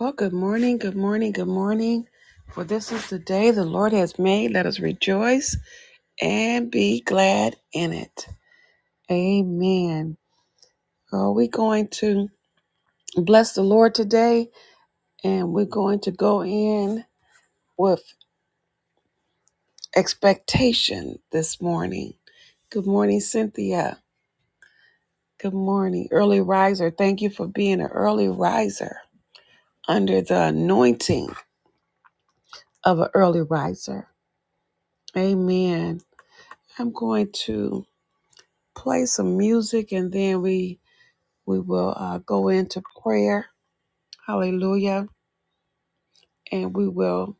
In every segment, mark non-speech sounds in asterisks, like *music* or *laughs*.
Well, good morning, good morning, good morning. For this is the day the Lord has made. Let us rejoice and be glad in it. Amen. Are we going to bless the Lord today? And we're going to go in with expectation this morning. Good morning, Cynthia. Good morning, early riser. Thank you for being an early riser under the anointing of an early riser. Amen. I'm going to. play some music and then we we will uh, go into prayer hallelujah and we will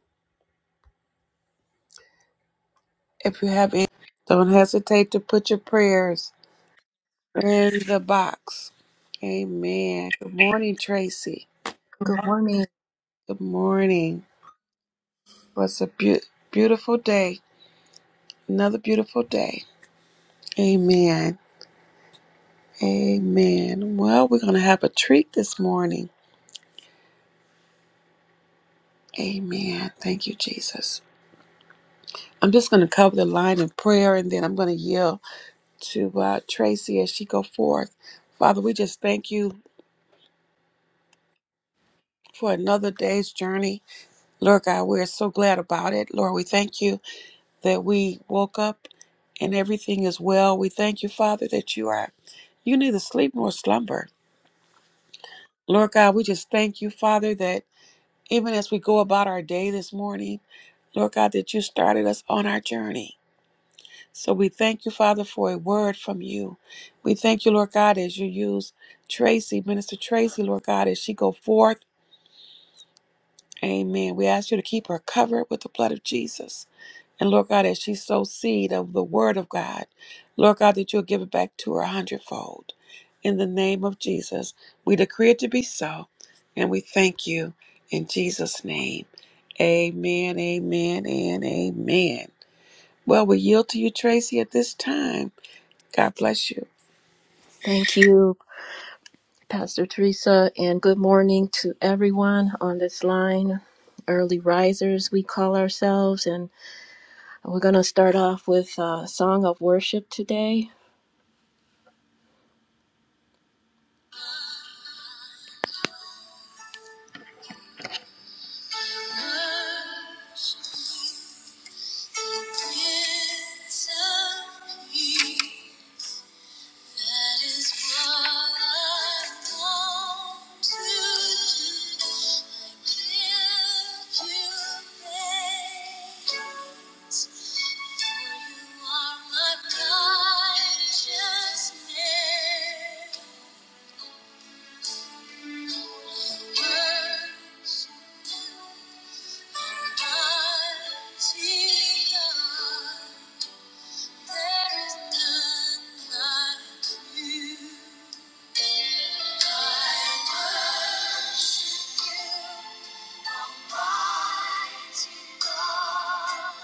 if you have any don't hesitate to put your prayers in the box amen good morning tracy Good morning. good morning what's a beau beautiful day another beautiful day amen amen well we're gonna have a treat this morning amen thank you jesus i'm just gonna cover the line in prayer and then i'm gonna yield to uh, Tracy as she go forth. Father, we just thank you for another day's journey. Lord God, we're so glad about it. Lord, we thank you that we woke up and everything is well. We thank you, Father, that you are you neither sleep nor slumber. Lord God, we just thank you, Father, that even as we go about our day this morning, Lord God, that you started us on our journey. So we thank you, Father, for a word from you. We thank you, Lord God, as you use Tracy, Minister Tracy, Lord God, as she go forth. Amen. We ask you to keep her covered with the blood of Jesus. And Lord God, as she sows seed of the word of God, Lord God, that you'll give it back to her a hundredfold. In the name of Jesus, we decree it to be so. And we thank you in Jesus' name. Amen, amen, and amen. Well, we yield to you, Tracy, at this time. God bless you. Thank you, Pastor Teresa, and good morning to everyone on this line. Early risers, we call ourselves, and we're going to start off with a song of worship today. That is what I want to do. I give you praise, for you are my righteousness. Worship you, mighty God. There is none like you. I worship you, Almighty God.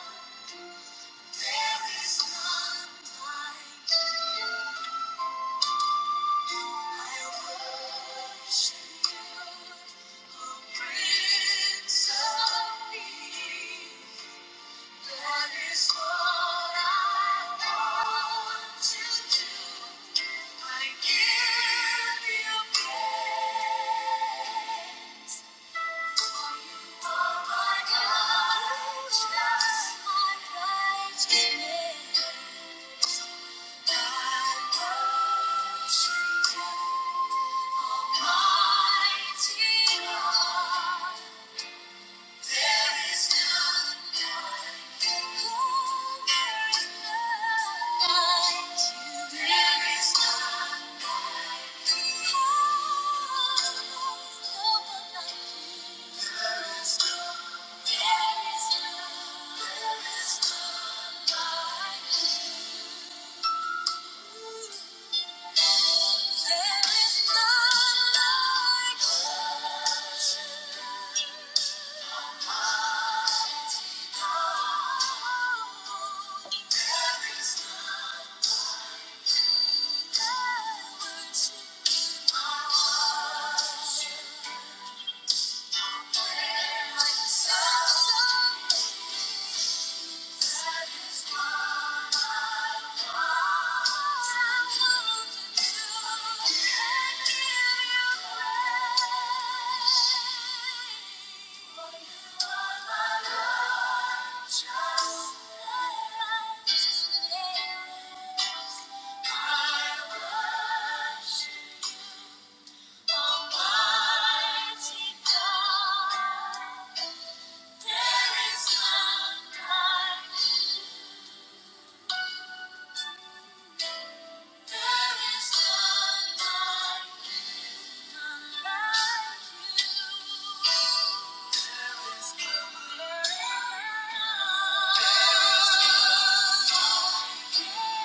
There is none like I worship you, Prince of Peace. That is what I want to do. I give you praise. you are my God, my righteousness. I worship you, Almighty God. Thank you. Thank you. I worship you. Almighty God, there is none like you. There is none like none like you. There is none like There is none like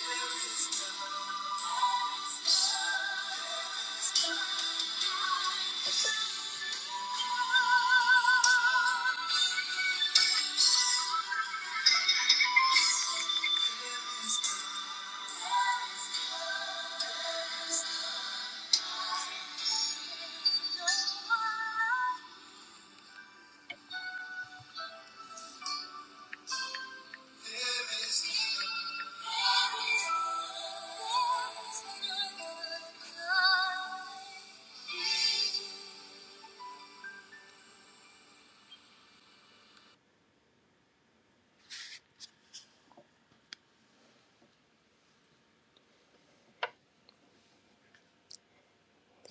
there is none. Thank you.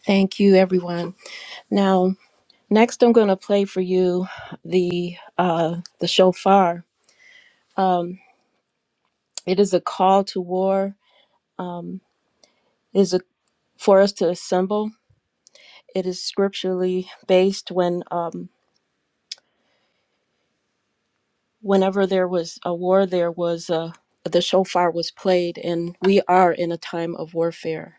Thank you, everyone. Now, next, I'm going to play for you the uh, the shofar. Um, it is a call to war. It is a, for us to assemble. It is scripturally based when. um, whenever there was a war, there was a the shofar was played, and we are in a time of warfare.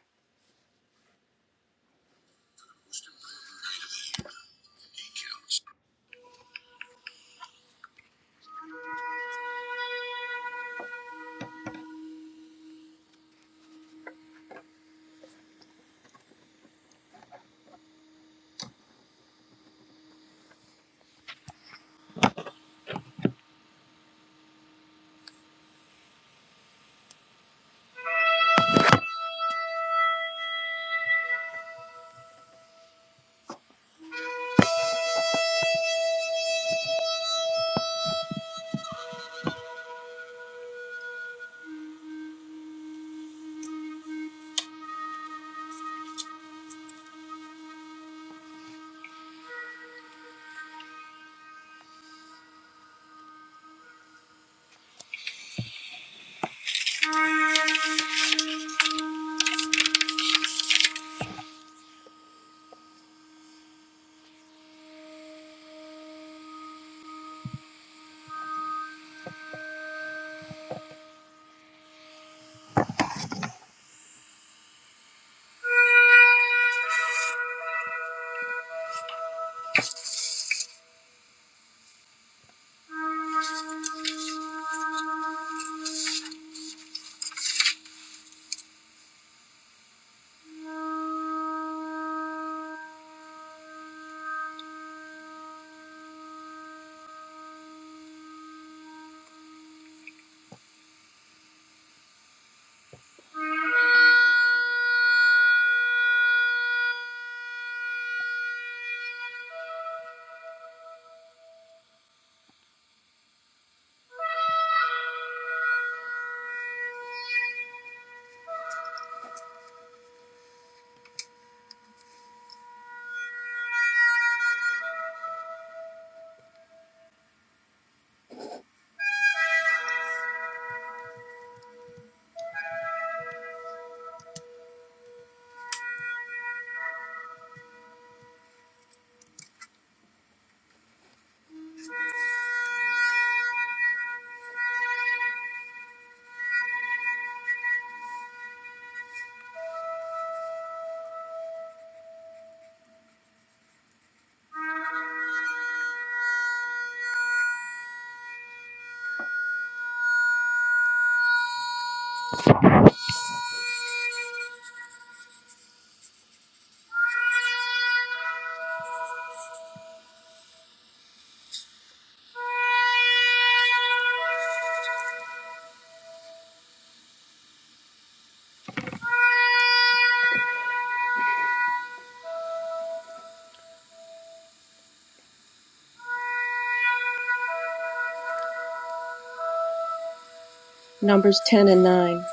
Numbers 10 and 9.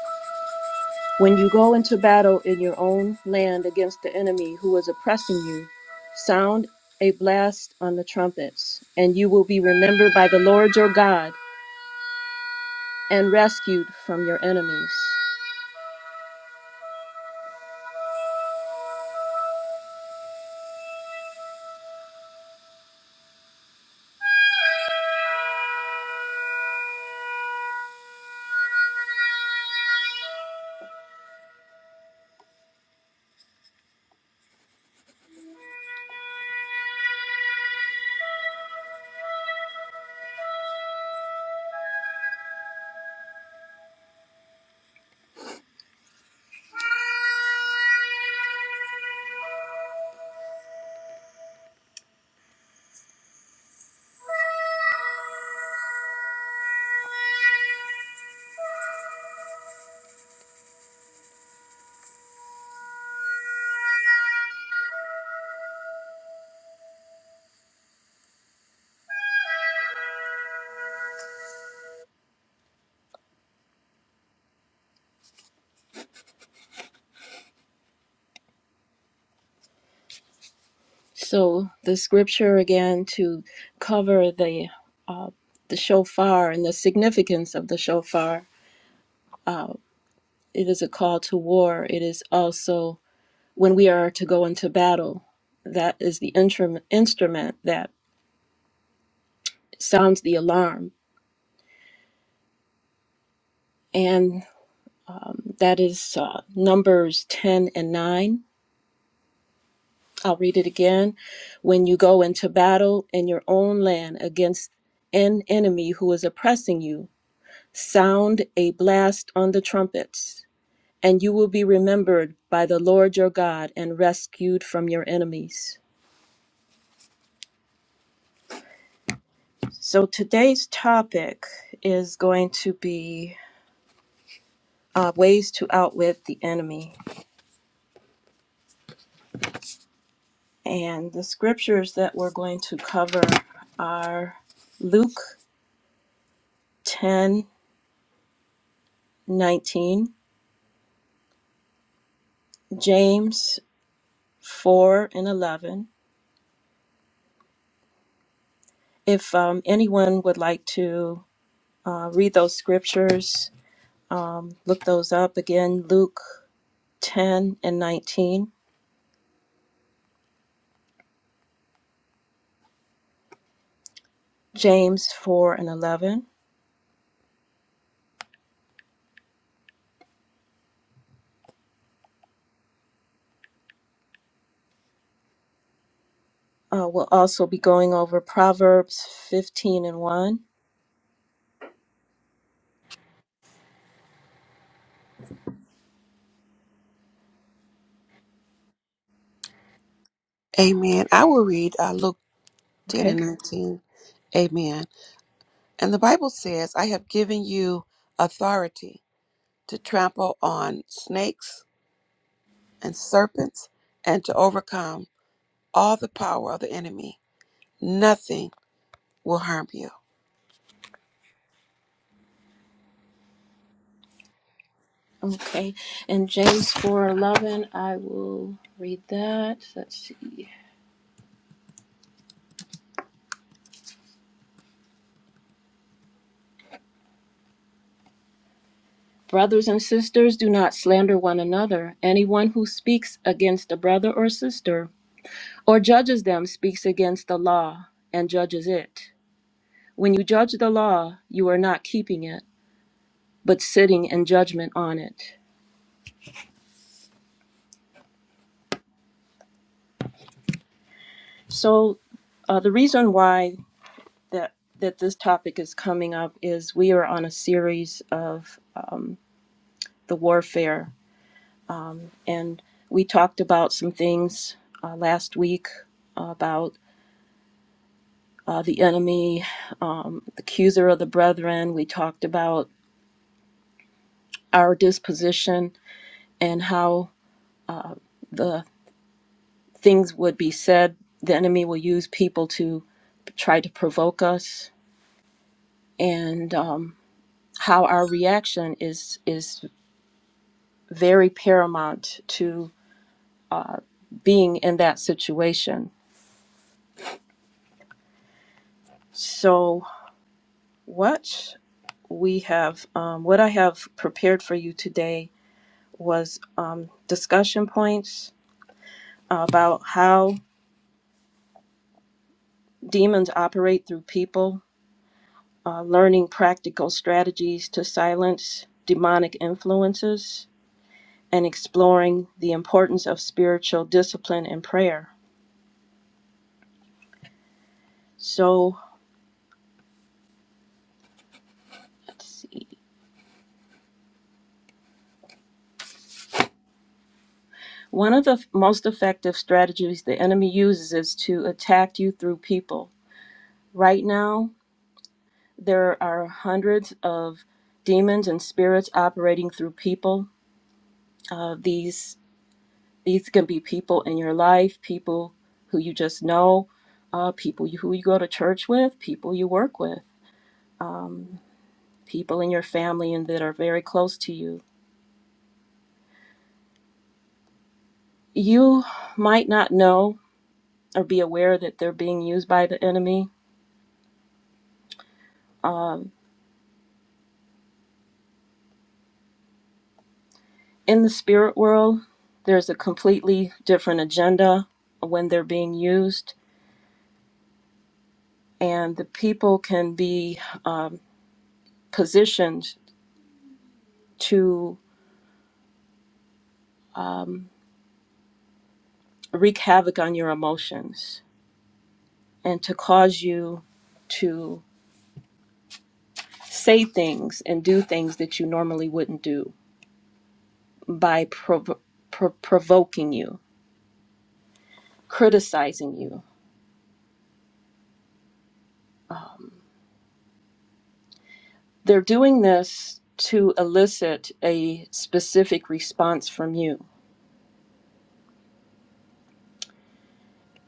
When you go into battle in your own land against the enemy who is oppressing you, sound a blast on the trumpets, and you will be remembered by the Lord your God and rescued from your enemies. So, the scripture again to cover the, the shofar and the significance of the shofar. Uh, it is a call to war, it is also when we are to go into battle. That is the instrument, instrument that sounds the alarm. And that is uh, Numbers 10 and 9. I'll read it again. When you go into battle in your own land against an enemy who is oppressing you, sound a blast on the trumpets, and you will be remembered by the Lord your God and rescued from your enemies. So today's topic is going to be uh, ways to outwit the enemy. And the scriptures that we're going to cover are Luke 10:19, James 4 and 11. If um, anyone would like to uh, read those scriptures, um, look those up again Luke 10 and 19, James 4 and 11. Uh, we'll also be going over Proverbs 15 and 1. Amen. I will read uh, Luke 10 Okay. and 19. Amen. And the Bible says, I have given you authority to trample on snakes and serpents and to overcome all the power of the enemy. Nothing will harm you. Okay. And James 4:11, I will read that. Let's see. Brothers and sisters, do not slander one another. Anyone who speaks against a brother or sister or judges them speaks against the law and judges it. When you judge the law, you are not keeping it, but sitting in judgment on it. So, uh, the reason why that that this topic is coming up is we are on a series of the warfare And we talked about some things uh, last week uh, about uh, the enemy, um, the accuser of the brethren. We talked about our disposition and how the things would be said. The enemy will use people to try to provoke us, and um, how our reaction is is very paramount to being in that situation. So, what? we have um, what I have prepared for you today was um, discussion points about how demons operate through people, uh, learning practical strategies to silence demonic influences, and exploring the importance of spiritual discipline and prayer. So, let's see. One of the most effective strategies the enemy uses is to attack you through people. Right now, There are hundreds of demons and spirits operating through people. Uh, these these can be people in your life, people who you just know, uh, people you, who you go to church with, people you work with, people in your family and that are very close to you. You might not know or be aware that they're being used by the enemy. In the spirit world, there's a completely different agenda when they're being used, and the people can be positioned to wreak havoc on your emotions and to cause you to say things and do things that you normally wouldn't do by prov- pro- provoking you, criticizing you. Um, they're doing this to elicit a specific response from you.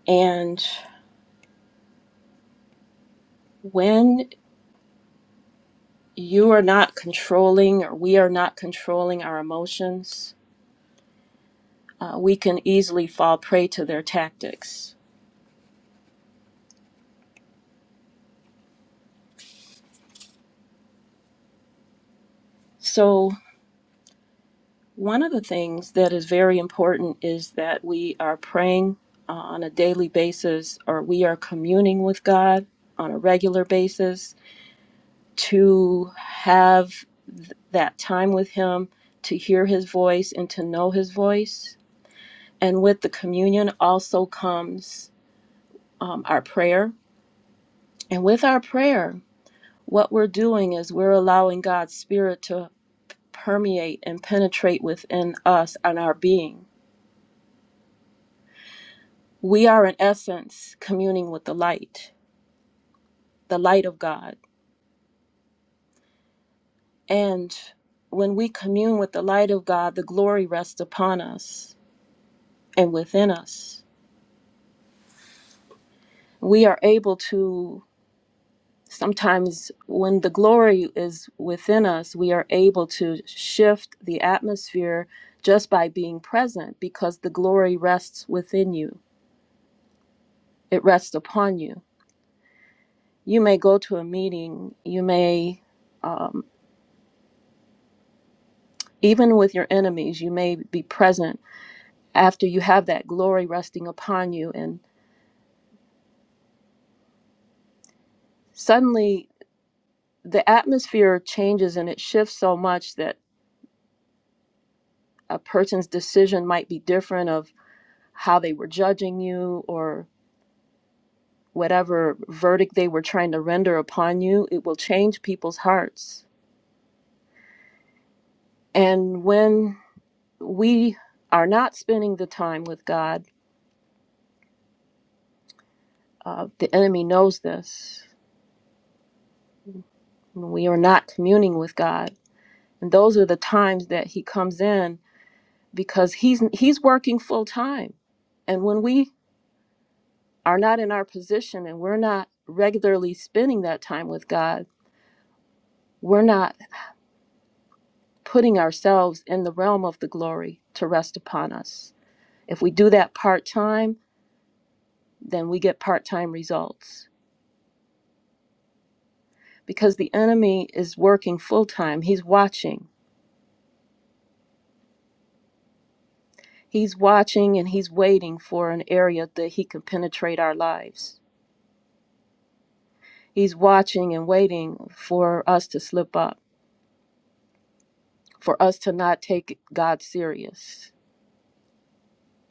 And when you are not controlling or we are not controlling our emotions, uh, we can easily fall prey to their tactics. So, One of the things that is very important is that we are praying uh, on a daily basis or we are communing with God on a regular basis to have th- that time with Him, to hear His voice, and to know His voice. And with the communion also comes um, our prayer. And with our prayer, what we're doing is we're allowing God's Spirit to permeate and penetrate within us and our being We are, in essence, communing with the light, the light of God. And when we commune with the light of God, the glory rests upon us and within us. We are able to, sometimes, when the glory is within us, we are able to shift the atmosphere just by being present because the glory rests within you, it rests upon you. You may go to a meeting, you may um, even with your enemies, you may be present after you have that glory resting upon you. And suddenly the atmosphere changes and it shifts so much that a person's decision might be different of how they were judging you or whatever verdict they were trying to render upon you. It will change people's hearts. And when we are not spending the time with God, uh, the enemy knows this. We are not communing with God. And those are the times that he comes in because he's he's working full time and when we are not in our position and we're not regularly spending that time with God we're not putting ourselves in the realm of the glory to rest upon us if we do that part time then we get part time results because the enemy is working full time he's watching he's watching and he's waiting for an area that he can penetrate our lives he's watching and waiting for us to slip up for us to not take God serious,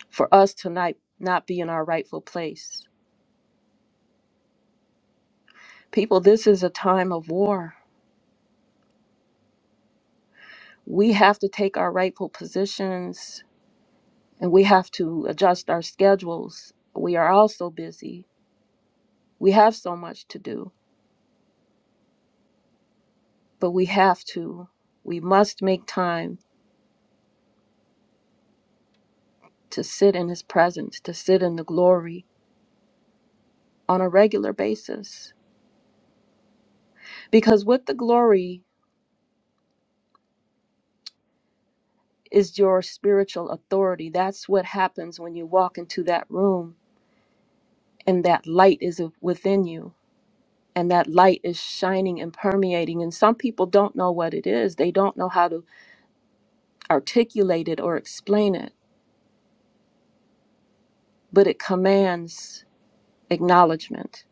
for us to not, not be in our rightful place. People, this is a time of war. We have to take our rightful positions and we have to adjust our schedules. We are all so busy. We have so much to do, but we have to, we must make time to sit in His presence, to sit in the glory on a regular basis. Because with the glory is your spiritual authority. That's what happens when you walk into that room and that light is within you and that light is shining and permeating. And some people don't know what it is, they don't know how to articulate it or explain it, but it commands acknowledgement.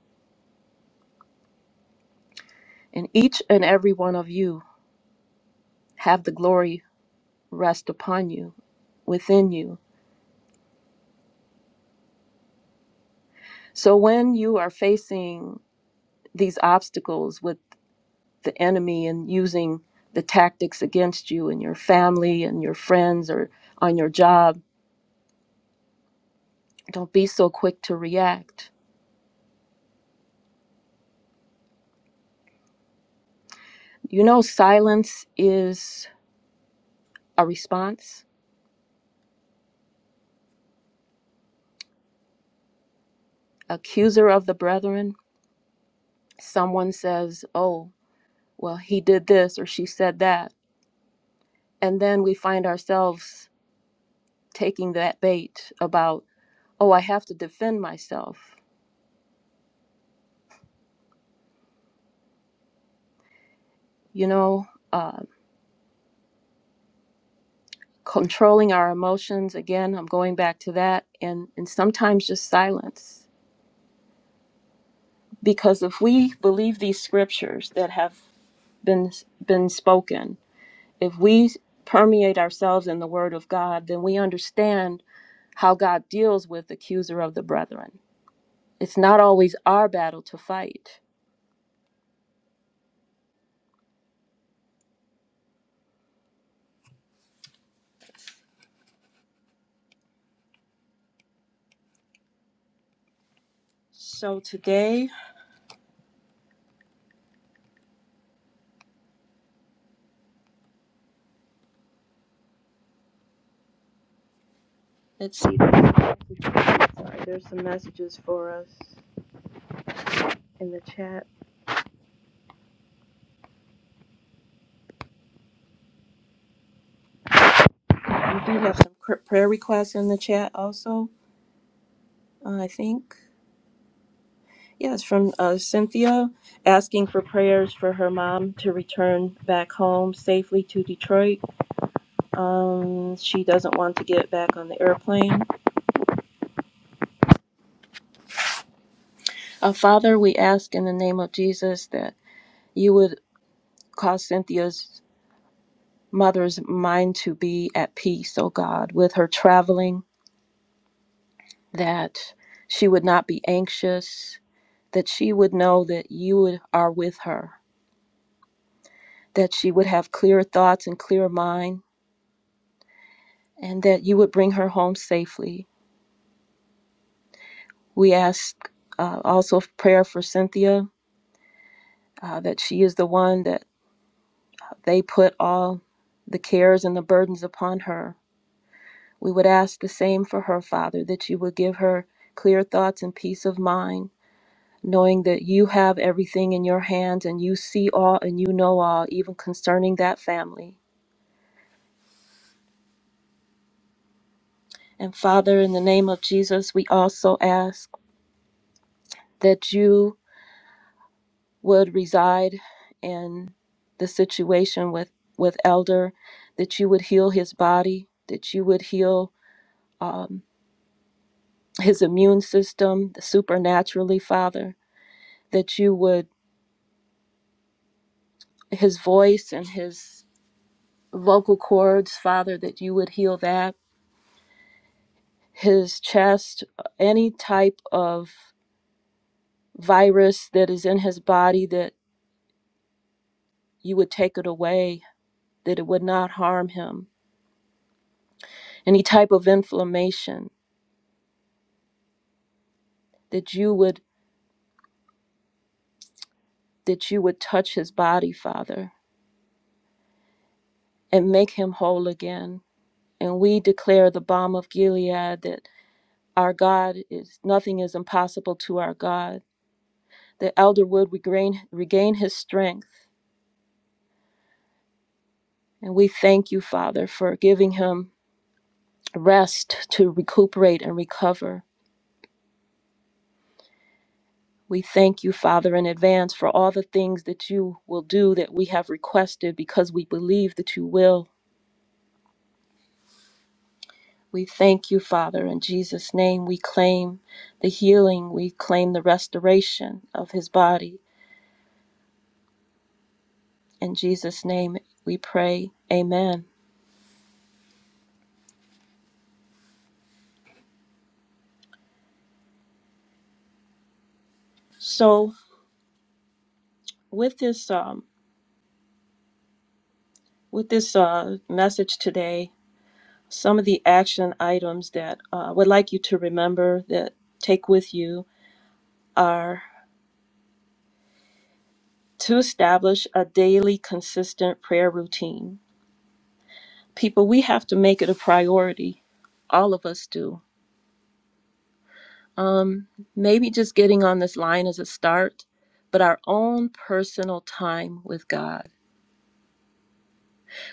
And each and every one of you have the glory rest upon you, within you. So when you are facing these obstacles with the enemy and using the tactics against you and your family and your friends or on your job. Don't be so quick to react. You know, silence is a response. Accuser of the brethren, someone says, Oh, well, he did this or she said that. And then we find ourselves taking that bait about, Oh, I have to defend myself. You know, uh, controlling our emotions again i'm going back to that and and sometimes just silence because if we believe these scriptures that have been been spoken if we permeate ourselves in the word of god then we understand how god deals with the accuser of the brethren it's not always our battle to fight so today let's see sorry there's some messages for us in the chat we do have some prayer requests in the chat also uh, I think. Yes, from uh, Cynthia asking for prayers for her mom to return back home safely to Detroit. Um, she doesn't want to get back on the airplane. Uh, Father, we ask in the name of Jesus that you would cause Cynthia's mother's mind to be at peace, oh God, with her traveling, that she would not be anxious, that she would know that you are with her, that she would have clear thoughts and clear mind and that you would bring her home safely. We ask uh, also prayer for Cynthia, uh, that she is the one that they put all the cares and the burdens upon her. We would ask the same for her, Father, that you would give her clear thoughts and peace of mind, knowing that you have everything in your hands and you see all and you know all, even concerning that family. And Father, in the name of Jesus, we also ask that you would reside in the situation with with elder that you would heal his body that you would heal um, his immune system supernaturally father that you would his voice and his vocal cords father that you would heal that his chest uh, any type of virus that is in his body that you would take it away that it would not harm him any type of inflammation that you would that you would touch his body, Father, and make him whole again. And we declare the balm of Gilead that our God is nothing is impossible to our God. That elder would regain, regain his strength. And we thank you, Father, for giving him rest to recuperate and recover. We thank you, Father, in advance for all the things that you will do that we have requested because we believe that you will. We thank you, Father. In Jesus' name, we claim the healing. We claim the restoration of his body. In Jesus' name, we pray. Amen. So, with this, um, with this uh, message today, some of the action items that uh, I would like you to remember that take with you are to establish a daily, consistent prayer routine. People, we have to make it a priority. All of us do Um, maybe just getting on this line as a start, but our own personal time with God.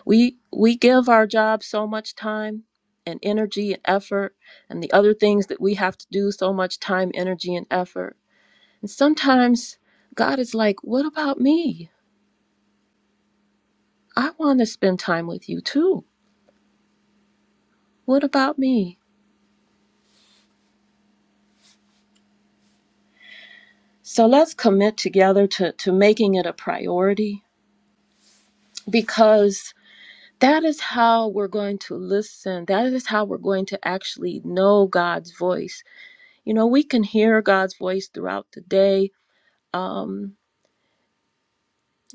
We we give our job so much time and energy and effort and the other things that we have to do so much time, energy and effort. And sometimes God is like, "What about me? I want to spend time with you too. What about me?" So let's commit together to to making it a priority because That is how we're going to listen. That is how we're going to actually know God's voice. You know, we can hear God's voice throughout the day. Um,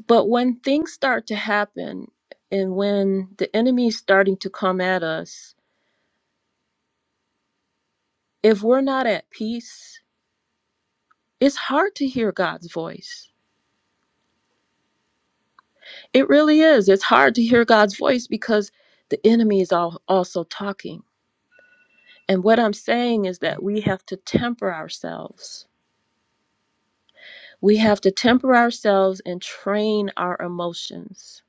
but when things start to happen and when the enemy is starting to come at us, if we're not at peace, it's hard to hear God's voice. It really is. It's hard to hear God's voice because the enemy is all, also talking. And what I'm saying is that we have to temper ourselves We have to temper ourselves and train our emotions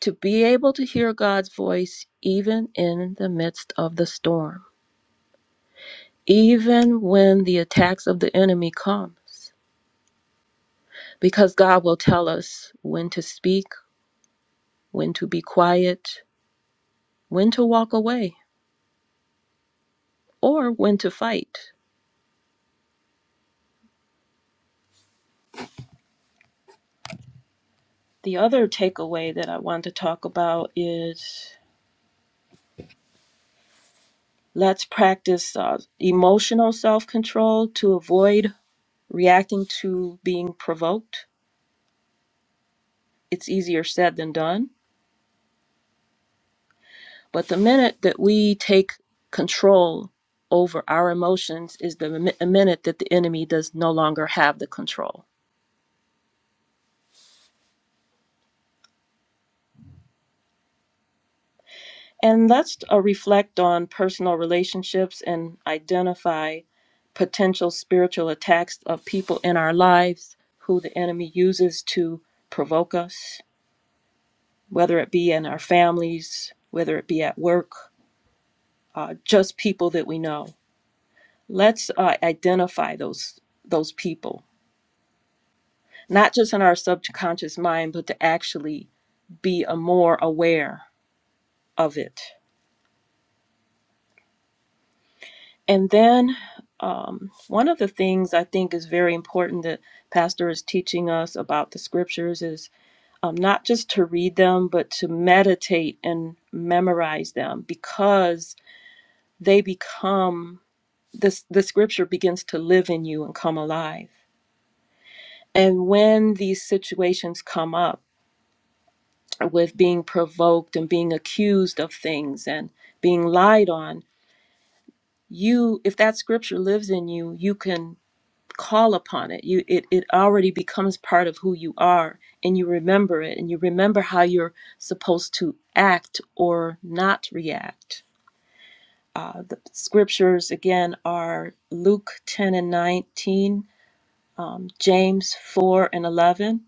to be able to hear God's voice even in the midst of the storm, even when the attacks of the enemy comes, because God will tell us when to speak, when to be quiet, when to walk away, or when to fight. The other takeaway that I want to talk about is let's practice uh, emotional self-control to avoid reacting to being provoked. It's easier said than done. But the minute that we take control over our emotions is the mi- a minute that the enemy does no longer have the control. And let's uh, reflect on personal relationships and identify potential spiritual attacks of people in our lives who the enemy uses to provoke us, whether it be in our families, whether it be at work, uh, just people that we know let's uh, identify those those people not just in our subconscious mind but to actually be a more aware of it and then um, one of the things i think is very important that pastor is teaching us about the scriptures is um, not just to read them but to meditate and memorize them because they become this the scripture begins to live in you and come alive and when these situations come up with being provoked and being accused of things and being lied on you if that scripture lives in you you can call upon it you it, it already becomes part of who you are and you remember it and you remember how you're supposed to act or not react uh, the scriptures again are luke 10 and 19 um, james 4 and 11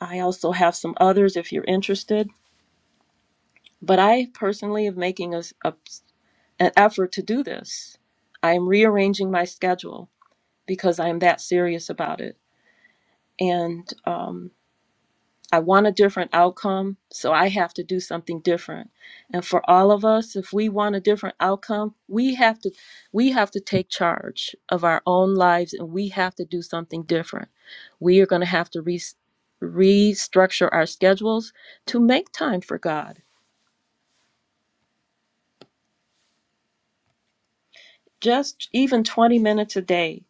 i also have some others if you're interested but I personally am making a. a an effort to do this. I am rearranging my schedule because I'm that serious about it. And um, I want a different outcome, so I have to do something different. And for all of us, if we want a different outcome, we have to we have to take charge of our own lives, and we have to do something different. We are going to have to re- restructure our schedules to make time for God. Just even 20 minutes a day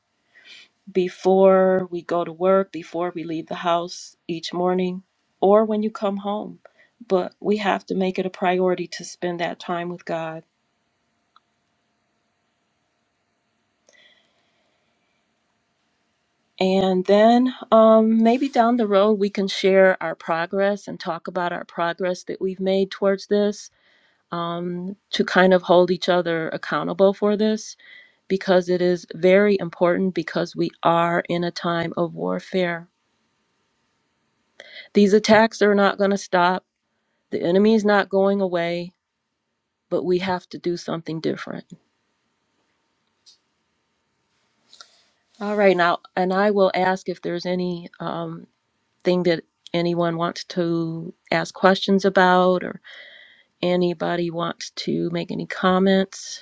before we go to work, before we leave the house each morning, or when you come home. But we have to make it a priority to spend that time with God. And then um, maybe down the road, we can share our progress and talk about our progress that we've made towards this um, to kind of hold each other accountable for this because it is very important because we are in a time of warfare. These attacks are not going to stop, the enemy is not going away but we have to do something different. All right, now, and I will ask if there's any um, thing that anyone wants to ask questions about, or anybody wants to make any comments.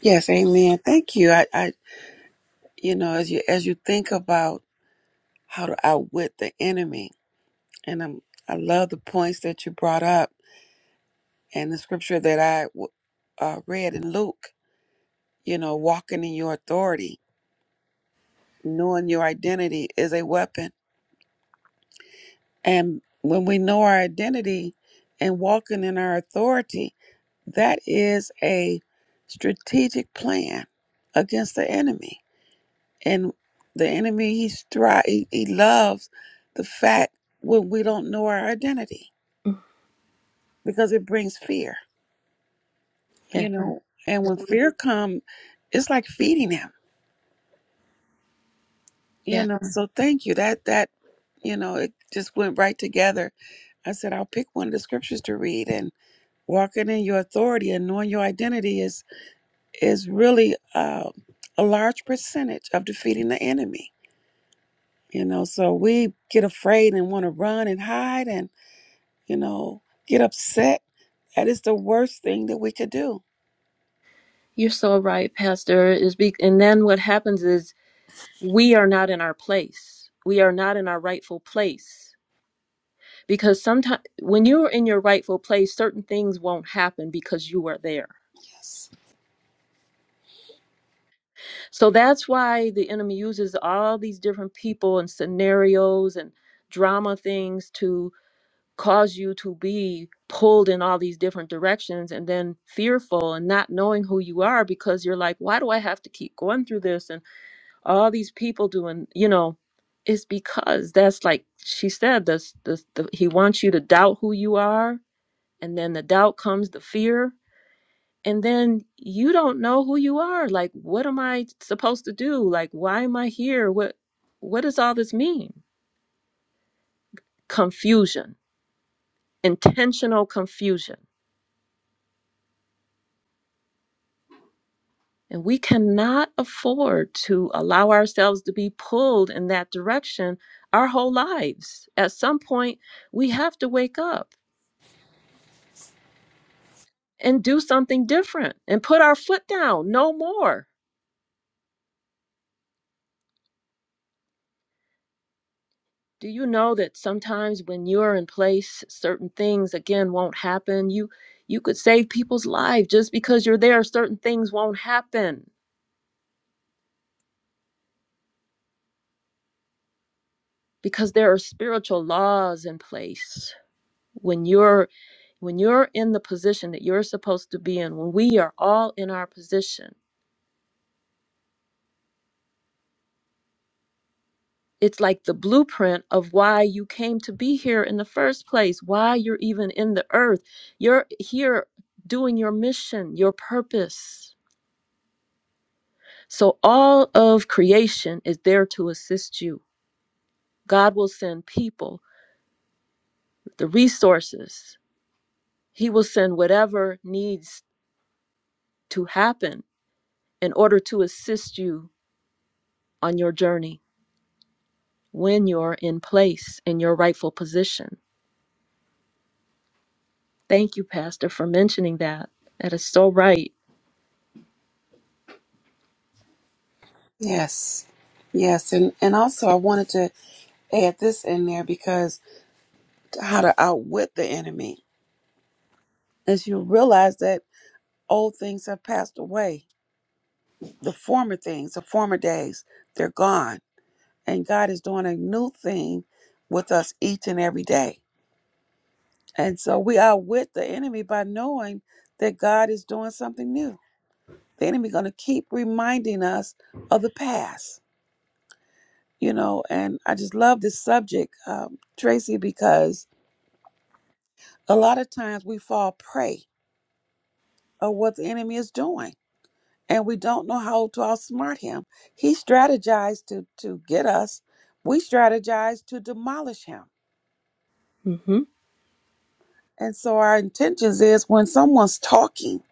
Yes, amen. Thank you. I, I you know, as you as you think about how to outwit the enemy, and I'm, I love the points that you brought up and the scripture that I w- uh, read in Luke You know, walking in your authority, knowing your identity is a weapon. And when we know our identity and walking in our authority, that is a strategic plan against the enemy. And the enemy, he thri- he, he loves the fact when we don't know our identity because it brings fear, you Yeah, know. Right. And when fear comes, it's like feeding him, you yeah, know. Mhm. So thank you. That that you know, it just went right together I said, I'll pick one of the scriptures to read. And walking in your authority and knowing your identity is is really uh, a large percentage of defeating the enemy. You know, so we get afraid and want to run and hide and you know get upset. That is the worst thing that we could do. you're so right, Pastor. Is be- and then what happens is we are not in our place. We are not in our rightful place because sometimes when you're in your rightful place, certain things won't happen because you are there Yes, So that's why the enemy uses all these different people and scenarios and drama things to cause you to be pulled in all these different directions and then fearful and not knowing who you are because you're like, why do I have to keep going through this and all these people doing, you know, it's because that's like she said, this, this, the, he wants you to doubt who you are. And then the doubt comes the fear and then you don't know who you are like what am i supposed to do like why am i here what what does all this mean confusion intentional confusion and we cannot afford to allow ourselves to be pulled in that direction our whole lives at some point we have to wake up and do something different and put our foot down no more Do you know that sometimes when you're in place, certain things again won't happen? You you could save people's life just because you're there, certain things won't happen because there are spiritual laws in place. When you're when you're in the position that you're supposed to be in, when we are all in our position, it's like the blueprint of why you came to be here in the first place, why you're even in the earth. You're here doing your mission, your purpose. So all of creation is there to assist you. God will send people, the resources. He will send whatever needs to happen in order to assist you on your journey when you're in place in your rightful position. Thank you, Pastor, for mentioning that. That is so right. yes, yes. And and also, I wanted to add this in there because how to outwit the enemy is you realize that old things have passed away the former things, the former days, they're gone. And God is doing a new thing with us each and every day. And so we outwit the enemy by knowing that God is doing something new. The enemy going to keep reminding us of the past, you know. And I just love this subject, um, Tracy, because a lot of times we fall prey of what the enemy is doing and we don't know how to outsmart him. He strategized to to get us. We strategized to demolish him. hmm And so our intentions is when someone's talking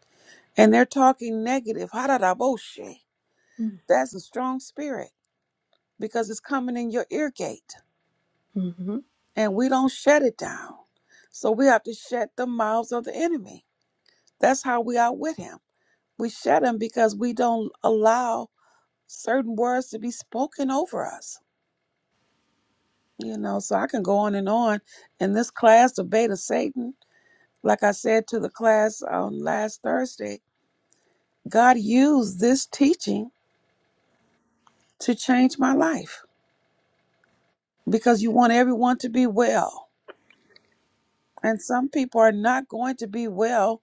and they're talking negative, haradaboshe, that's a strong spirit because it's coming in your ear gate hmm and we don't shut it down. So we have to shut the mouths of the enemy. That's how we outwit him. We shut him because we don't allow certain words to be spoken over us You know, so I can go on and on. And this class, the bait of Satan, like I said to the class on last Thursday, God used this teaching to change my life because you want everyone to be well. And some people are not going to be well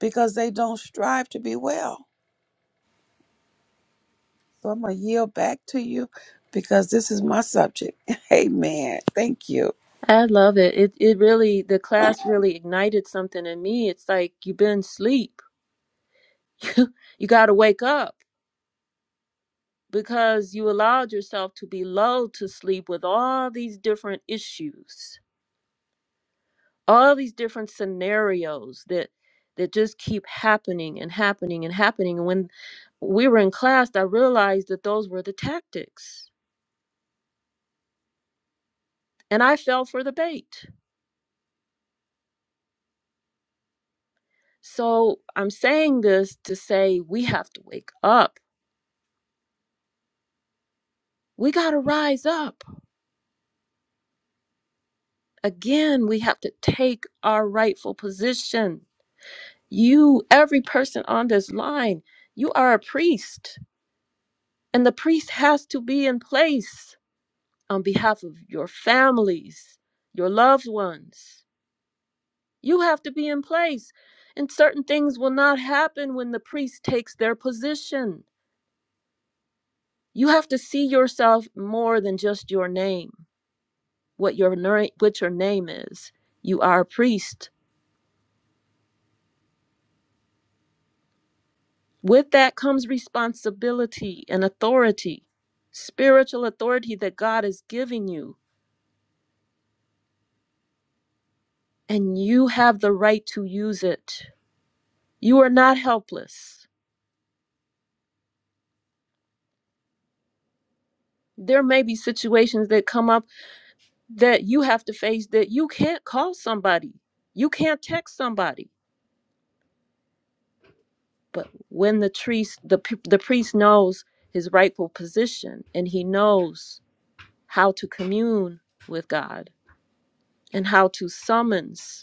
because they don't strive to be well. So I'm going to yield back to you because this is my subject. *laughs* Amen. Thank you. I love it. It it really the class really ignited something in me. It's like you've been asleep. *laughs* you got to wake up. because you allowed yourself to be lulled to sleep with all these different issues all these different scenarios that that just keep happening and happening and happening and when we were in class i realized that those were the tactics and i fell for the bait so i'm saying this to say we have to wake up we got to rise up again we have to take our rightful position You, every person on this line, you are a priest, and the priest has to be in place on behalf of your families, your loved ones. You have to be in place, and certain things will not happen when the priest takes their position. You have to see yourself more than just your name, what your ner- what your name is. You are a priest With that comes responsibility and authority, spiritual authority that God is giving you, and you have the right to use it. You are not helpless. There may be situations that come up that you have to face that you can't call somebody, you can't text somebody. But when the priest, the, the priest knows his rightful position and he knows how to commune with God and how to summons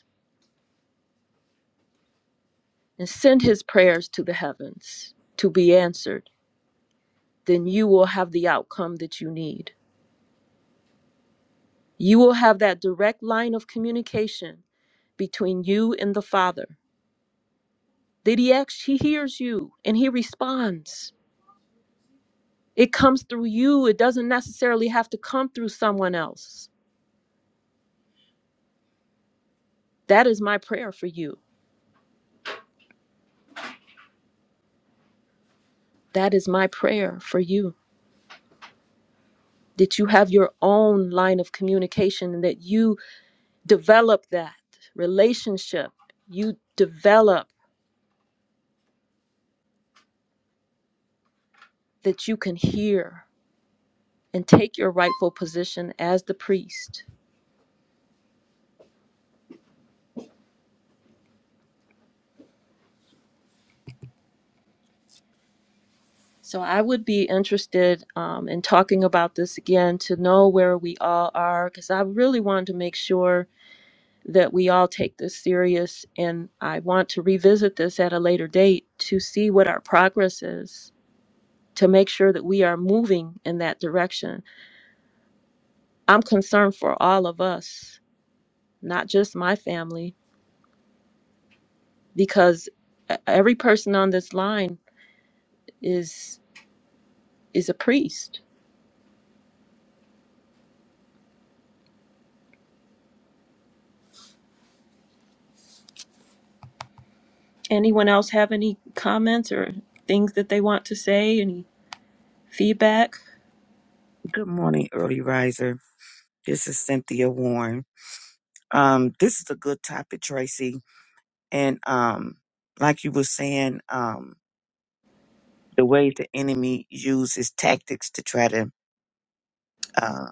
and send his prayers to the heavens to be answered, then you will have the outcome that you need. You will have that direct line of communication between you and the Father. That he actually he hears you and he responds. It comes through you. It doesn't necessarily have to come through someone else. That is my prayer for you. That is my prayer for you. That you have your own line of communication and that you develop that relationship. You develop that you can hear and take your rightful position as the priest. So I would be interested um, in talking about this again to know where we all are, because I really wanted to make sure that we all take this serious. And I want to revisit this at a later date to see what our progress is, to make sure that we are moving in that direction. I'm concerned for all of us, not just my family, because e- every person on this line is. is a priest. Anyone else have any comments or things that they want to say? Any feedback? Good morning, early riser. This is Cynthia Warren. Um, this is a good topic, Tracy. And um, like you were saying, um, the way the enemy uses tactics to try to uh,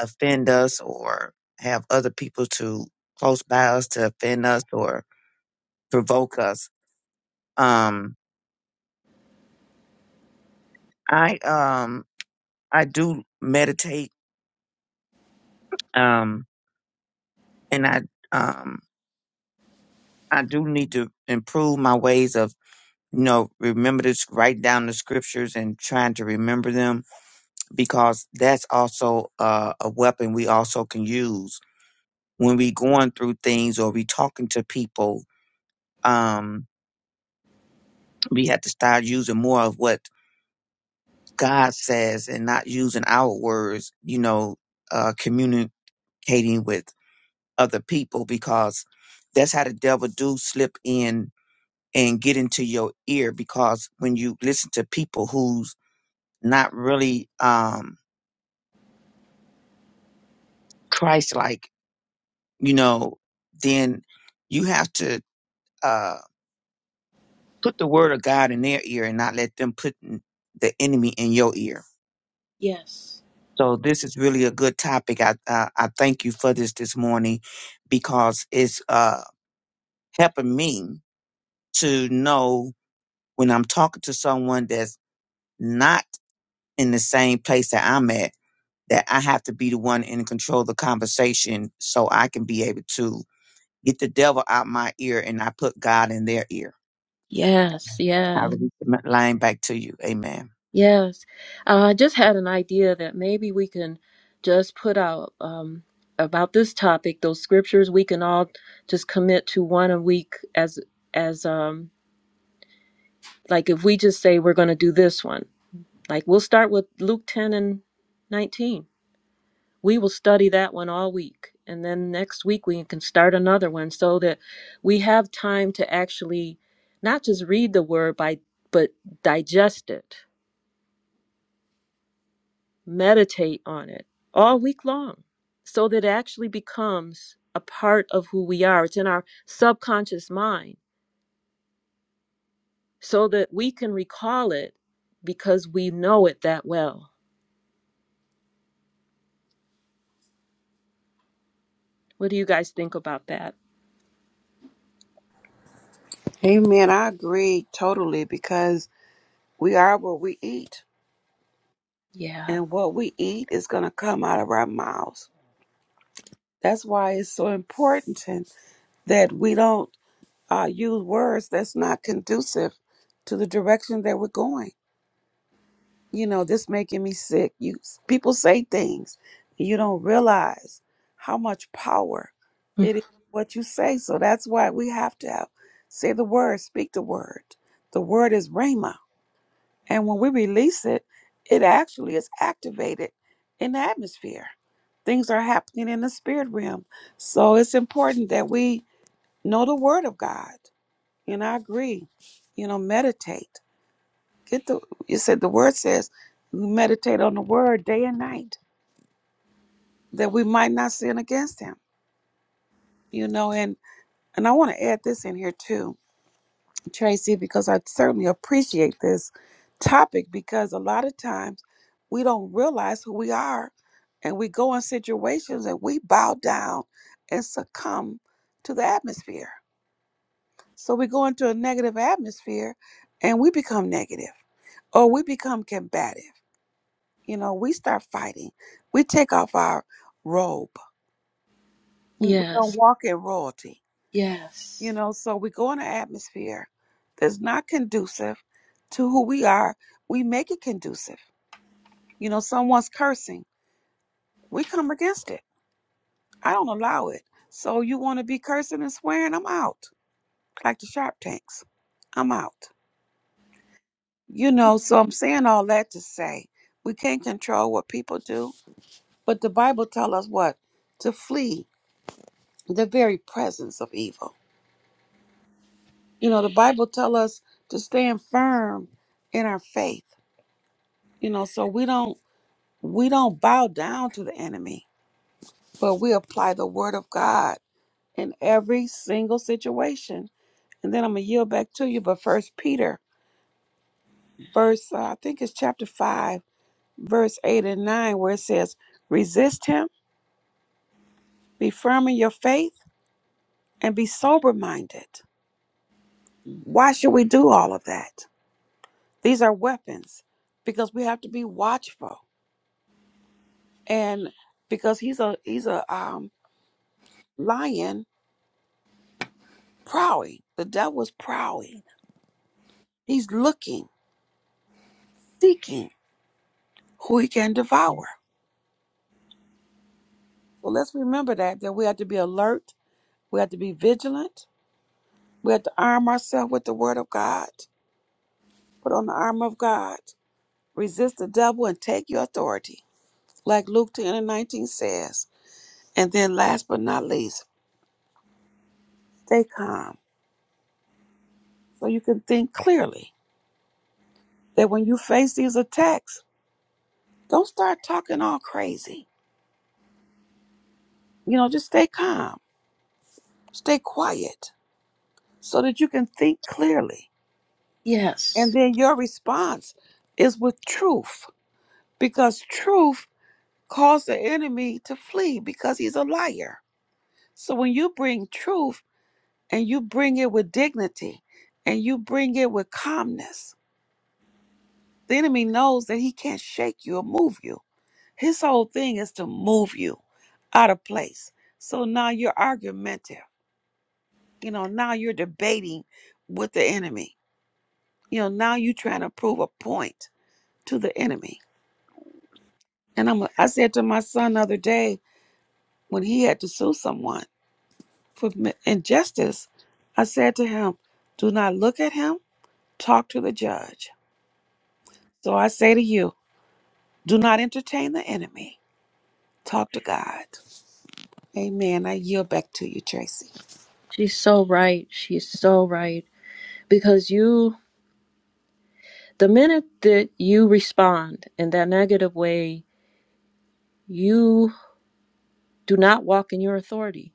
offend us or have other people to close by us to offend us or provoke us. Um, I um, I do meditate, um, and I um, I do need to improve my ways of you know, remember to s- write down the scriptures and trying to remember them because that's also uh, a weapon we also can use when we going through things or we talking to people. Um, we have to start using more of what God says and not using our words. You know, uh, communicating with other people because that's how the devil do slip in and get into your ear because when you listen to people who's not really um Christ like, you know, then you have to uh, put the word of God in their ear and not let them put n- the enemy in your ear. Yes. So this is really a good topic. I I, I thank you for this this morning because it's uh, helping me to know when I'm talking to someone that's not in the same place that I'm at that I have to be the one in control of the conversation so I can be able to get the devil out my ear and I put God in their ear. Yes, I yes, release the line back to you. Amen. yes. Uh, I just had an idea that maybe we can just put out um, about this topic those scriptures we can all just commit to one a week as as um like if we just say we're going to do this one like we'll start with Luke 10 and 19 we will study that one all week and then next week we can start another one so that we have time to actually not just read the word by but digest it meditate on it all week long so that it actually becomes a part of who we are it's in our subconscious mind so that we can recall it because we know it that well what do you guys think about that Amen. I agree totally because we are what we eat. yeah and what we eat is going to come out of our mouths. That's why it's so important that we don't uh, use words that's not conducive to the direction that we're going. You know, this making me sick. You people say things and you don't realize how much power it is what you say. So that's why we have to have, say the word, speak the word. The word is rhema And when we release it, it actually is activated in the atmosphere. Things are happening in the spirit realm. So it's important that we know the word of God. And I agree. You know, meditate. Get the you said the word says we meditate on the word day and night that we might not sin against him. You know, and and I want to add this in here too Tracy, because I certainly appreciate this topic because a lot of times we don't realize who we are and we go in situations and we bow down and succumb to the atmosphere. So we go into a negative atmosphere and we become negative or we become combative. You know, we start fighting, we take off our robe, we, we don't yes walk in royalty. You yes know, so we go in an atmosphere that's not conducive to who we are. We make it conducive. You know, someone's cursing. We come against it. I don't allow it. So you want to be cursing and swearing? I'm out. Like the Shark Tanks. I'm out. You know, so I'm saying all that to say we can't control what people do, but the Bible tells us what? To flee the very presence of evil. You know, the Bible tells us to stand firm in our faith You know, so we don't we don't bow down to the enemy, but we apply the word of God in every single situation. And then I'm gonna yield back to you. But first Peter, verse uh, I think it's chapter five, verse eight and nine, where it says, "Resist him, be firm in your faith, and be sober minded." Why should we do all of that? These are weapons because we have to be watchful and because he's a he's a um, lion prowling. The devil is prowling. He's looking, seeking who he can devour. So let's remember that, that we have to be alert. We have to be vigilant. We have to arm ourselves with the word of God. Put on the armor of God. Resist the devil and take your authority. Like Luke 10 and 19 says. And then last but not least, stay calm so you can think clearly. That when you face these attacks, don't start talking all crazy. You know, just stay calm. Stay quiet so that you can think clearly. yes And then your response is with truth because truth calls the enemy to flee because he's a liar. So when you bring truth and you bring it with dignity and you bring it with calmness, the enemy knows that he can't shake you or move you. His whole thing is to move you out of place. So now you're argumentative. You know, now you're debating with the enemy. You know, now you're trying to prove a point to the enemy. And I'm I said to my son the other day when he had to sue someone for injustice, I said to him, "Do not look at him, talk to the judge." So I say to you, do not entertain the enemy. Talk to God. Amen. I yield back to you, Tracy. She's so right. She's so right. Because you, the minute that you respond in that negative way, you do not walk in your authority.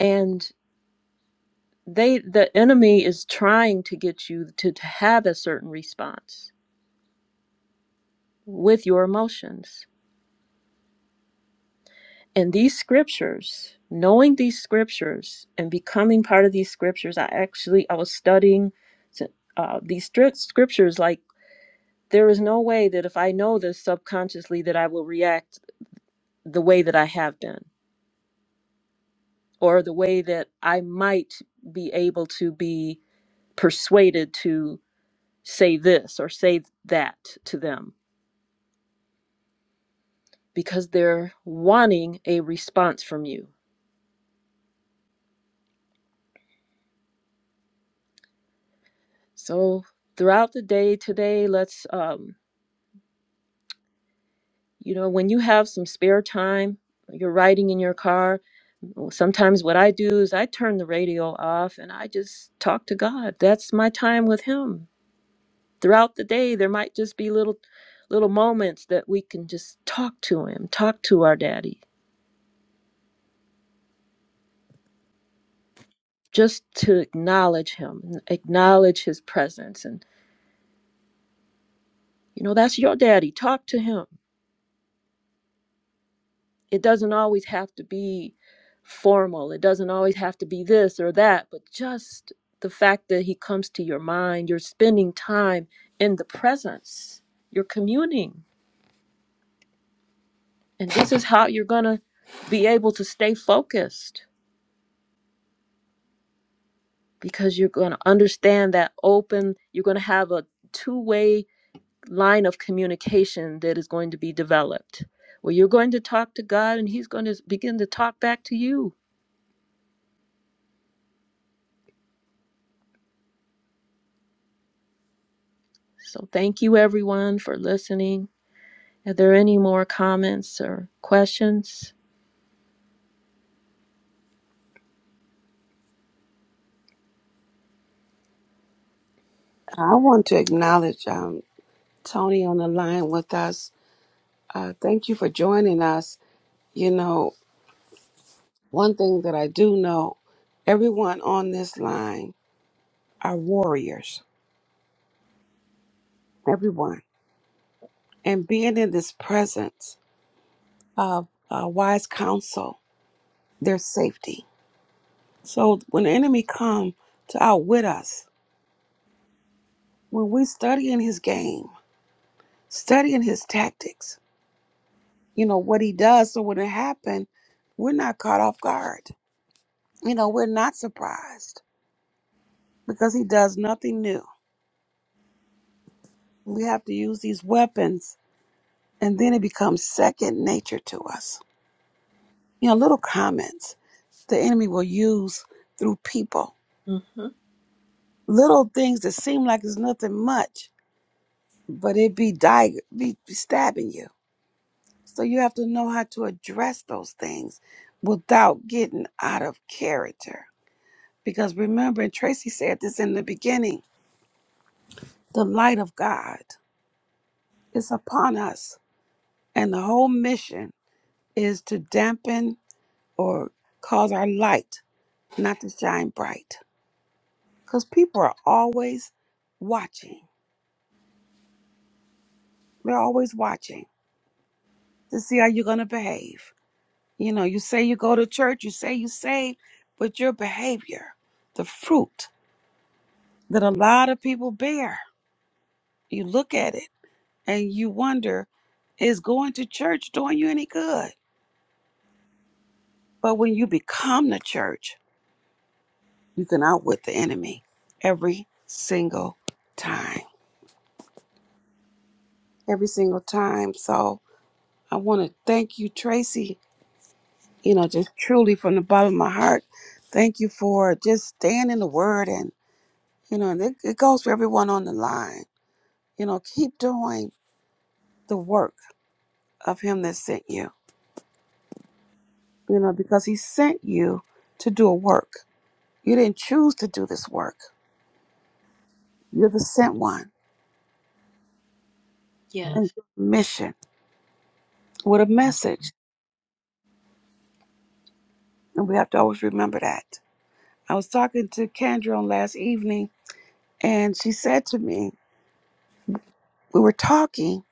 And they, the enemy is trying to get you to, to have a certain response with your emotions. And these scriptures, knowing these scriptures and becoming part of these scriptures, I actually, I was studying uh, these strict scriptures like There is no way that if I know this subconsciously that I will react the way that I have done or the way that I might be able to be persuaded to say this or say that to them because they're wanting a response from you. So throughout the day today, let's um you know when you have some spare time, you're riding in your car, well, sometimes what I do is I turn the radio off and I just talk to God. That's my time with Him. throughout the day there might just be little little moments that we can just talk to him talk to our daddy just to acknowledge him acknowledge his presence and you know that's your daddy talk to him it doesn't always have to be formal it doesn't always have to be this or that but just the fact that he comes to your mind you're spending time in the presence you're communing and this is how you're going to be able to stay focused because you're going to understand that open, you're going to have a two way line of communication that is going to be developed where you're going to talk to God and He's going to begin to talk back to you. So, thank you everyone for listening. Are there any more comments or questions? I want to acknowledge um, Tony on the line with us. Uh, thank you for joining us. You know, one thing that I do know, everyone on this line are warriors. Everyone. and being in this presence of uh, wise counsel, there's safety. So when the enemy come to outwit us, when we study in his game, studying his tactics, you know what he does. So when it happen, we're not caught off guard. You know we're not surprised because he does nothing new. We have to use these weapons, and then it becomes second nature to us. You know, little comments the enemy will use through people Mm-hmm. Little things that seem like it's nothing much, but it be dig- be be stabbing you. So you have to know how to address those things without getting out of character. Because remember, and Tracy said this in the beginning, the light of God is upon us. And the whole mission is to dampen or cause our light not to shine bright. Because people are always watching. They're always watching to see how you're going to behave. You know, you say you go to church, you say you saved, but your behavior, the fruit that a lot of people bear, you look at it and you wonder, is going to church doing you any good? But when you become the church, you can outwit the enemy every single time. Every single time. So I want to thank you, Tracy, you know, just truly from the bottom of my heart. Thank you for just staying in the word and you know, and it, it goes for everyone on the line You know, keep doing the work of Him that sent you, you know, because He sent you to do a work. You didn't choose to do this work, you're the sent one and Yes. mission with a message. And we have to always remember that. I was talking to Kendra on last evening, and she said to me, We were talking,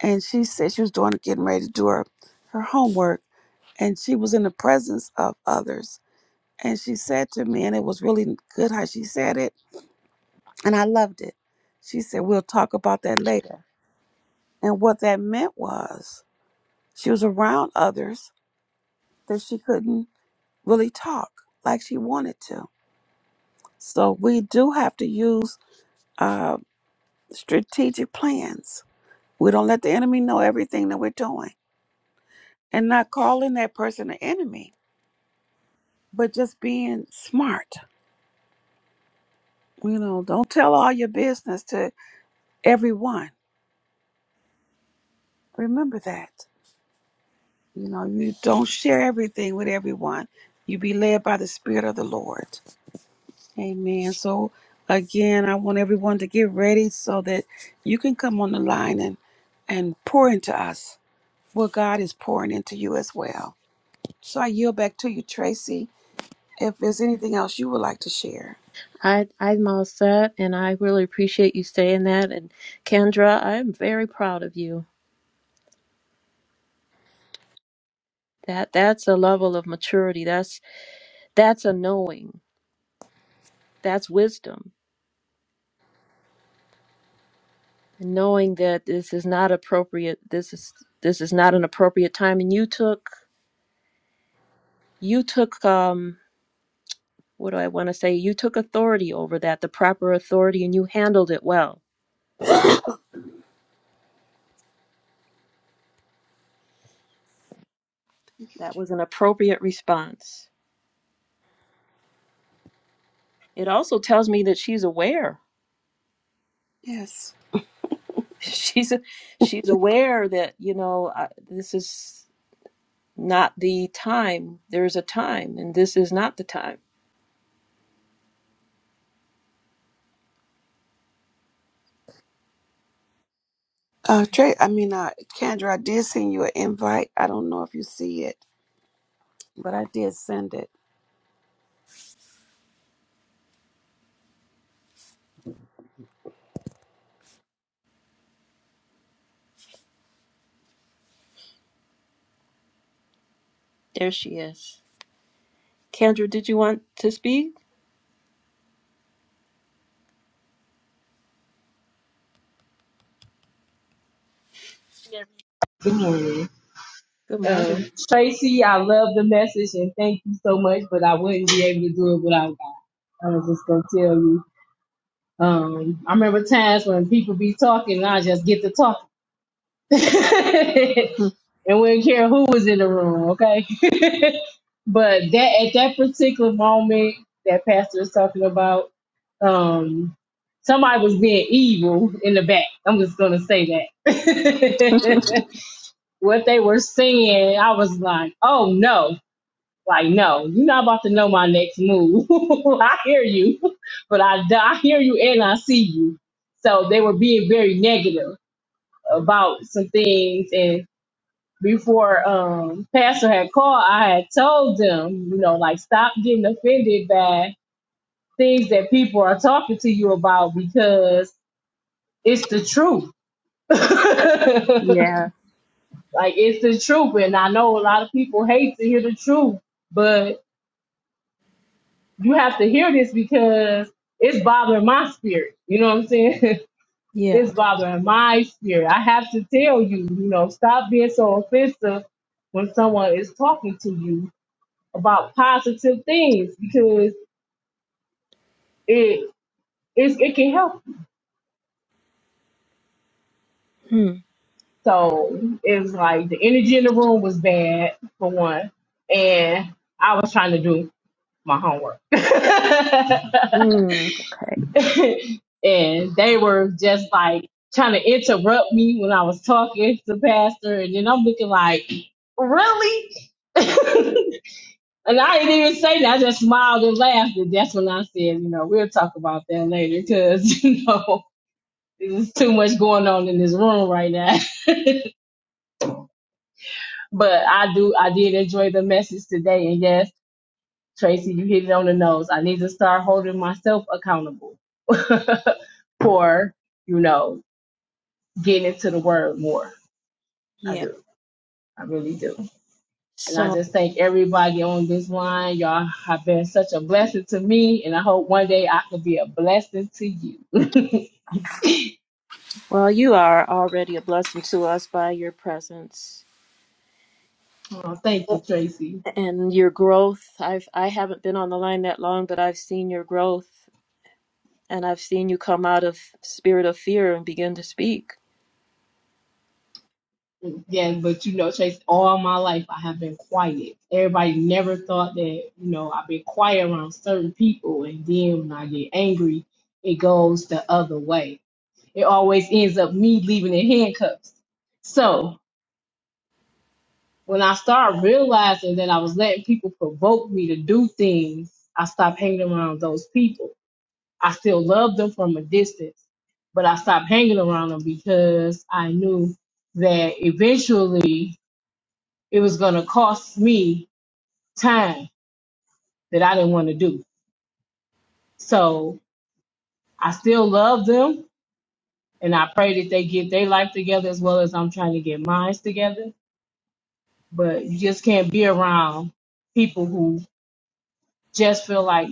and she said she was doing getting ready to do her, her homework, and she was in the presence of others. And she said to me, and it was really good how she said it And I loved it. She said, We'll talk about that later. And what that meant was she was around others that she couldn't really talk like she wanted to. So we do have to use uh, strategic plans. We don't let the enemy know everything that we're doing and not calling that person an enemy, but just being smart. You know, don't tell all your business to everyone. Remember that. You know, you don't share everything with everyone. You be led by the Spirit of the Lord. Amen. So, again, I want everyone to get ready so that you can come on the line and, and pour into us what God is pouring into you as well. So, I yield back to you, Tracy, if there's anything else you would like to share. I, I'm all set, and I really appreciate you saying that. And Kendra, I'm very proud of you. That that's a level of maturity. That's that's a knowing. That's wisdom and knowing that this is not appropriate this is this is not an appropriate time and you took you took um what do i want to say you took authority over that the proper authority and you handled it well that was an appropriate response it also tells me that she's aware Yes. *laughs* she's she's aware that you know I, this is not the time there's a time and this is not the time Uh, Trey, I mean, uh, Kendra, I did send you an invite. I don't know if you see it, but I did send it. there she is kendra did you want to speak Good morning. good morning Um, Tracy, I love the message and thank you so much, but I wouldn't be able to do it without God. I was just going to tell you. Um, I remember times when people be talking and I just get to talk, *laughs* and we didn't care who was in the room, okay? *laughs* but that at that particular moment that Pastor was talking about, um, somebody was being evil in the back. I'm just going to say that. *laughs* what they were saying, I was like, oh no, like no, you're not about to know my next move. *laughs* I hear you, but I, I hear you and I see you. So they were being very negative about some things. And before um, Pastor had called, I had told them, you know, like stop getting offended by things that people are talking to you about because it's the truth. *laughs* *laughs* yeah Like it's the truth, and I know a lot of people hate to hear the truth, but you have to hear this because it's bothering my spirit. You know what I'm saying? *laughs* yeah it's bothering my spirit. I have to tell you, you know, stop being so offensive when someone is talking to you about positive things because it it's, it can help. you. So it's like the energy in the room was bad for one, and I was trying to do my homework. *laughs* Mm. *laughs* and they were just like trying to interrupt me when I was talking to pastor, and then I'm looking like, really? *laughs* and I didn't even say that. I just smiled and laughed, and that's when I said, you know, we'll talk about that later, because *laughs* you know. There's too much going on in this room right now, *laughs* but I do. I did enjoy the message today, and yes, Tracy, you hit it on the nose. I need to start holding myself accountable *laughs* for, you know, getting into the word more. I Yeah. do. I really do. And I So, just thank everybody on this line. Y'all have been such a blessing to me, and I hope one day I can be a blessing to you. *laughs* well, you are already a blessing to us by your presence oh, thank you, Tracy. and your growth. I've I haven't been on the line that long, but I've seen your growth and I've seen you come out of spirit of fear and begin to speak. Yeah, but you know, Tracy, all my life I have been quiet. Everybody never thought that, you know, I've been quiet around certain people, and then when I get angry, it goes the other way. It always ends up me leaving in handcuffs. So when I started realizing that I was letting people provoke me to do things, I stopped hanging around those people. I still loved them from a distance, but I stopped hanging around them because I knew that eventually it was going to cost me time that I didn't want to do. So I still love them and I pray that they get their life together as well as I'm trying to get mine together. But you just can't be around people who just feel like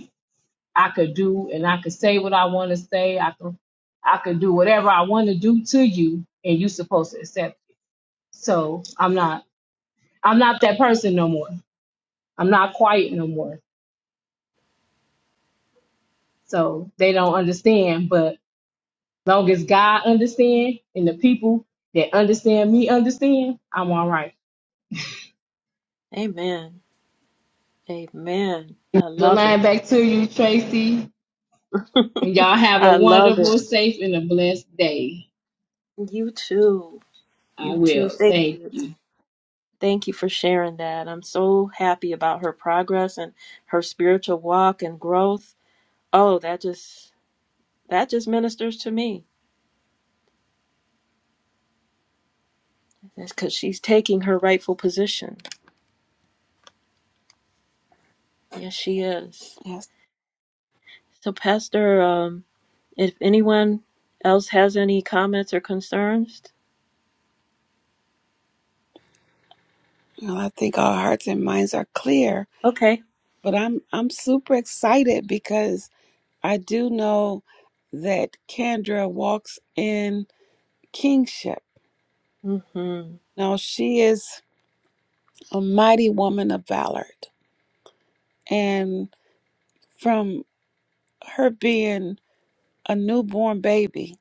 I could do and I could say what I want to say. I can I could do whatever I want to do to you and you're supposed to accept. it. So I'm not I'm not that person no more. I'm not quiet no more. So they don't understand, but long as God understand and the people that understand me understand, I'm all right. Amen. Amen. I The love line it. back to you, Tracy. And y'all have a I love wonderful, it. safe, and a blessed day. You too. I You too. will. Thank Thank you. you. Thank you for sharing that. I'm so happy about her progress and her spiritual walk and growth. Oh, that just That just ministers to me. That's because she's taking her rightful position. Yes, she is. Yes. So, Pastor, um, if anyone else has any comments or concerns, Well, I think our hearts and minds are clear. okay. But I'm I'm super excited because I do know that Kendra walks in kingship. hmm Now she is a mighty woman of valor. And from her being a newborn baby,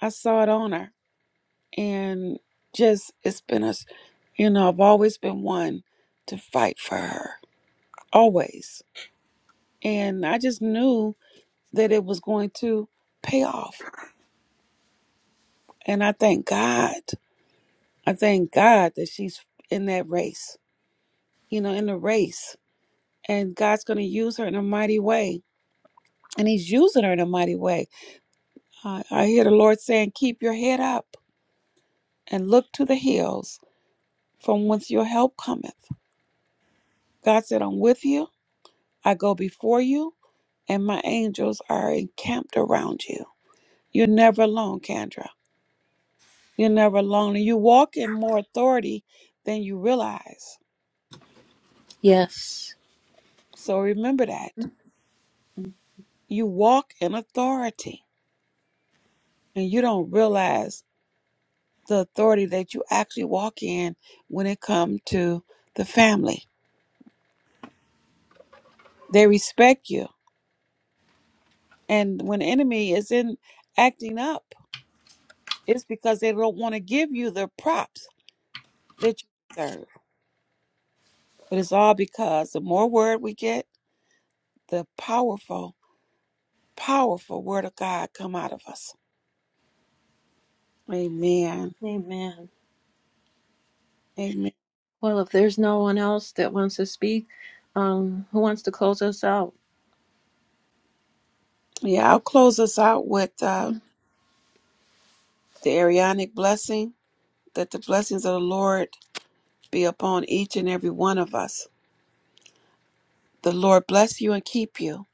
I saw it on her. And just it's been a s- you know, I've always been one to fight for her. Always. And I just knew that it was going to pay off. And I thank God. I thank God that she's in that race, you know, in the race. And God's going to use her in a mighty way. And He's using her in a mighty way. I I hear the Lord saying, Keep your head up and look to the hills from whence your help cometh. God said, I'm with you. I go before you, and my angels are encamped around you. You're never alone, Kendra. You're never alone. And you walk in more authority than you realize. Yes. So remember that. You walk in authority and you don't realize the authority that you actually walk in when it comes to the family. They respect you. And when the enemy is in acting up, it's because they don't want to give you the props that you deserve. But it's all because the more word we get, the powerful, powerful word of God come out of us. Amen. Amen. Amen. Well, if there's no one else that wants to speak, um, who wants to close us out? Yeah, I'll close us out with uh, the Arianic blessing, that the blessings of the Lord be upon each and every one of us. The Lord bless you and keep you.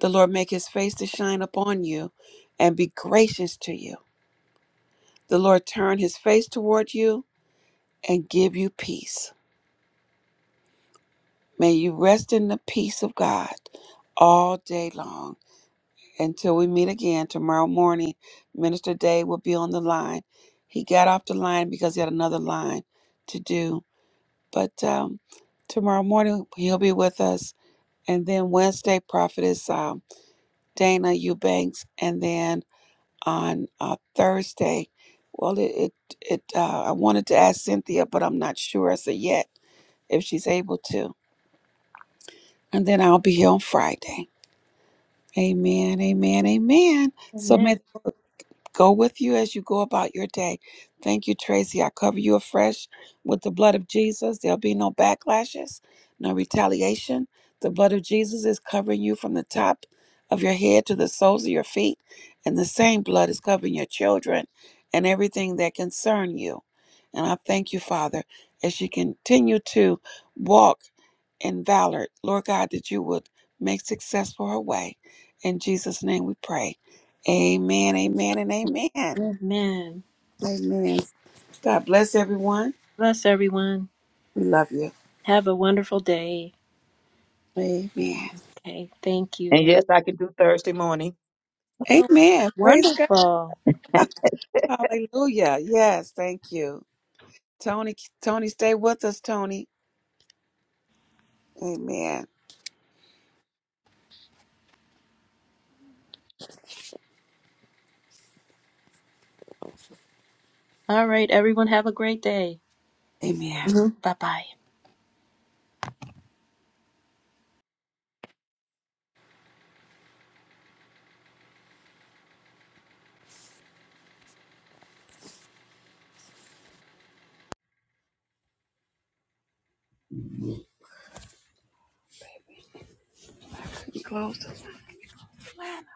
The Lord make his face to shine upon you and be gracious to you. The Lord turn his face toward you and give you peace. May you rest in the peace of God all day long. Until we meet again tomorrow morning, Minister Day will be on the line. He got off the line because he had another line to do. But um, tomorrow morning, he'll be with us. And then Wednesday, Prophetess. um, Dana Eubanks, and then on uh, Thursday, well, it it, it uh, I wanted to ask Cynthia, but I'm not sure as of yet if she's able to. And then I'll be here on Friday. Amen. Amen. Amen. So may Amen. go with you as you go about your day. Thank you, Tracy. I cover you afresh with the blood of Jesus. There'll be no backlashes, no retaliation. The blood of Jesus is covering you from the top of your head to the soles of your feet, and the same blood is covering your children and everything that concern you. And I thank you, Father, as you continue to walk and Valor, Lord God, that you would make successful her way. In Jesus' name we pray. Amen, amen, and amen. Amen. Amen. God bless everyone. Bless everyone. We love you. Have a wonderful day. Amen. Okay. Thank And you. yes, I can do Thursday morning. Oh, Amen. Praise God. wonderful. Hallelujah. Yes, thank you. Tony, Tony, stay with us, Tony. Amen. All right. Everyone, have a great day. Amen. Mm-hmm. Bye bye. Couldn't close this plan.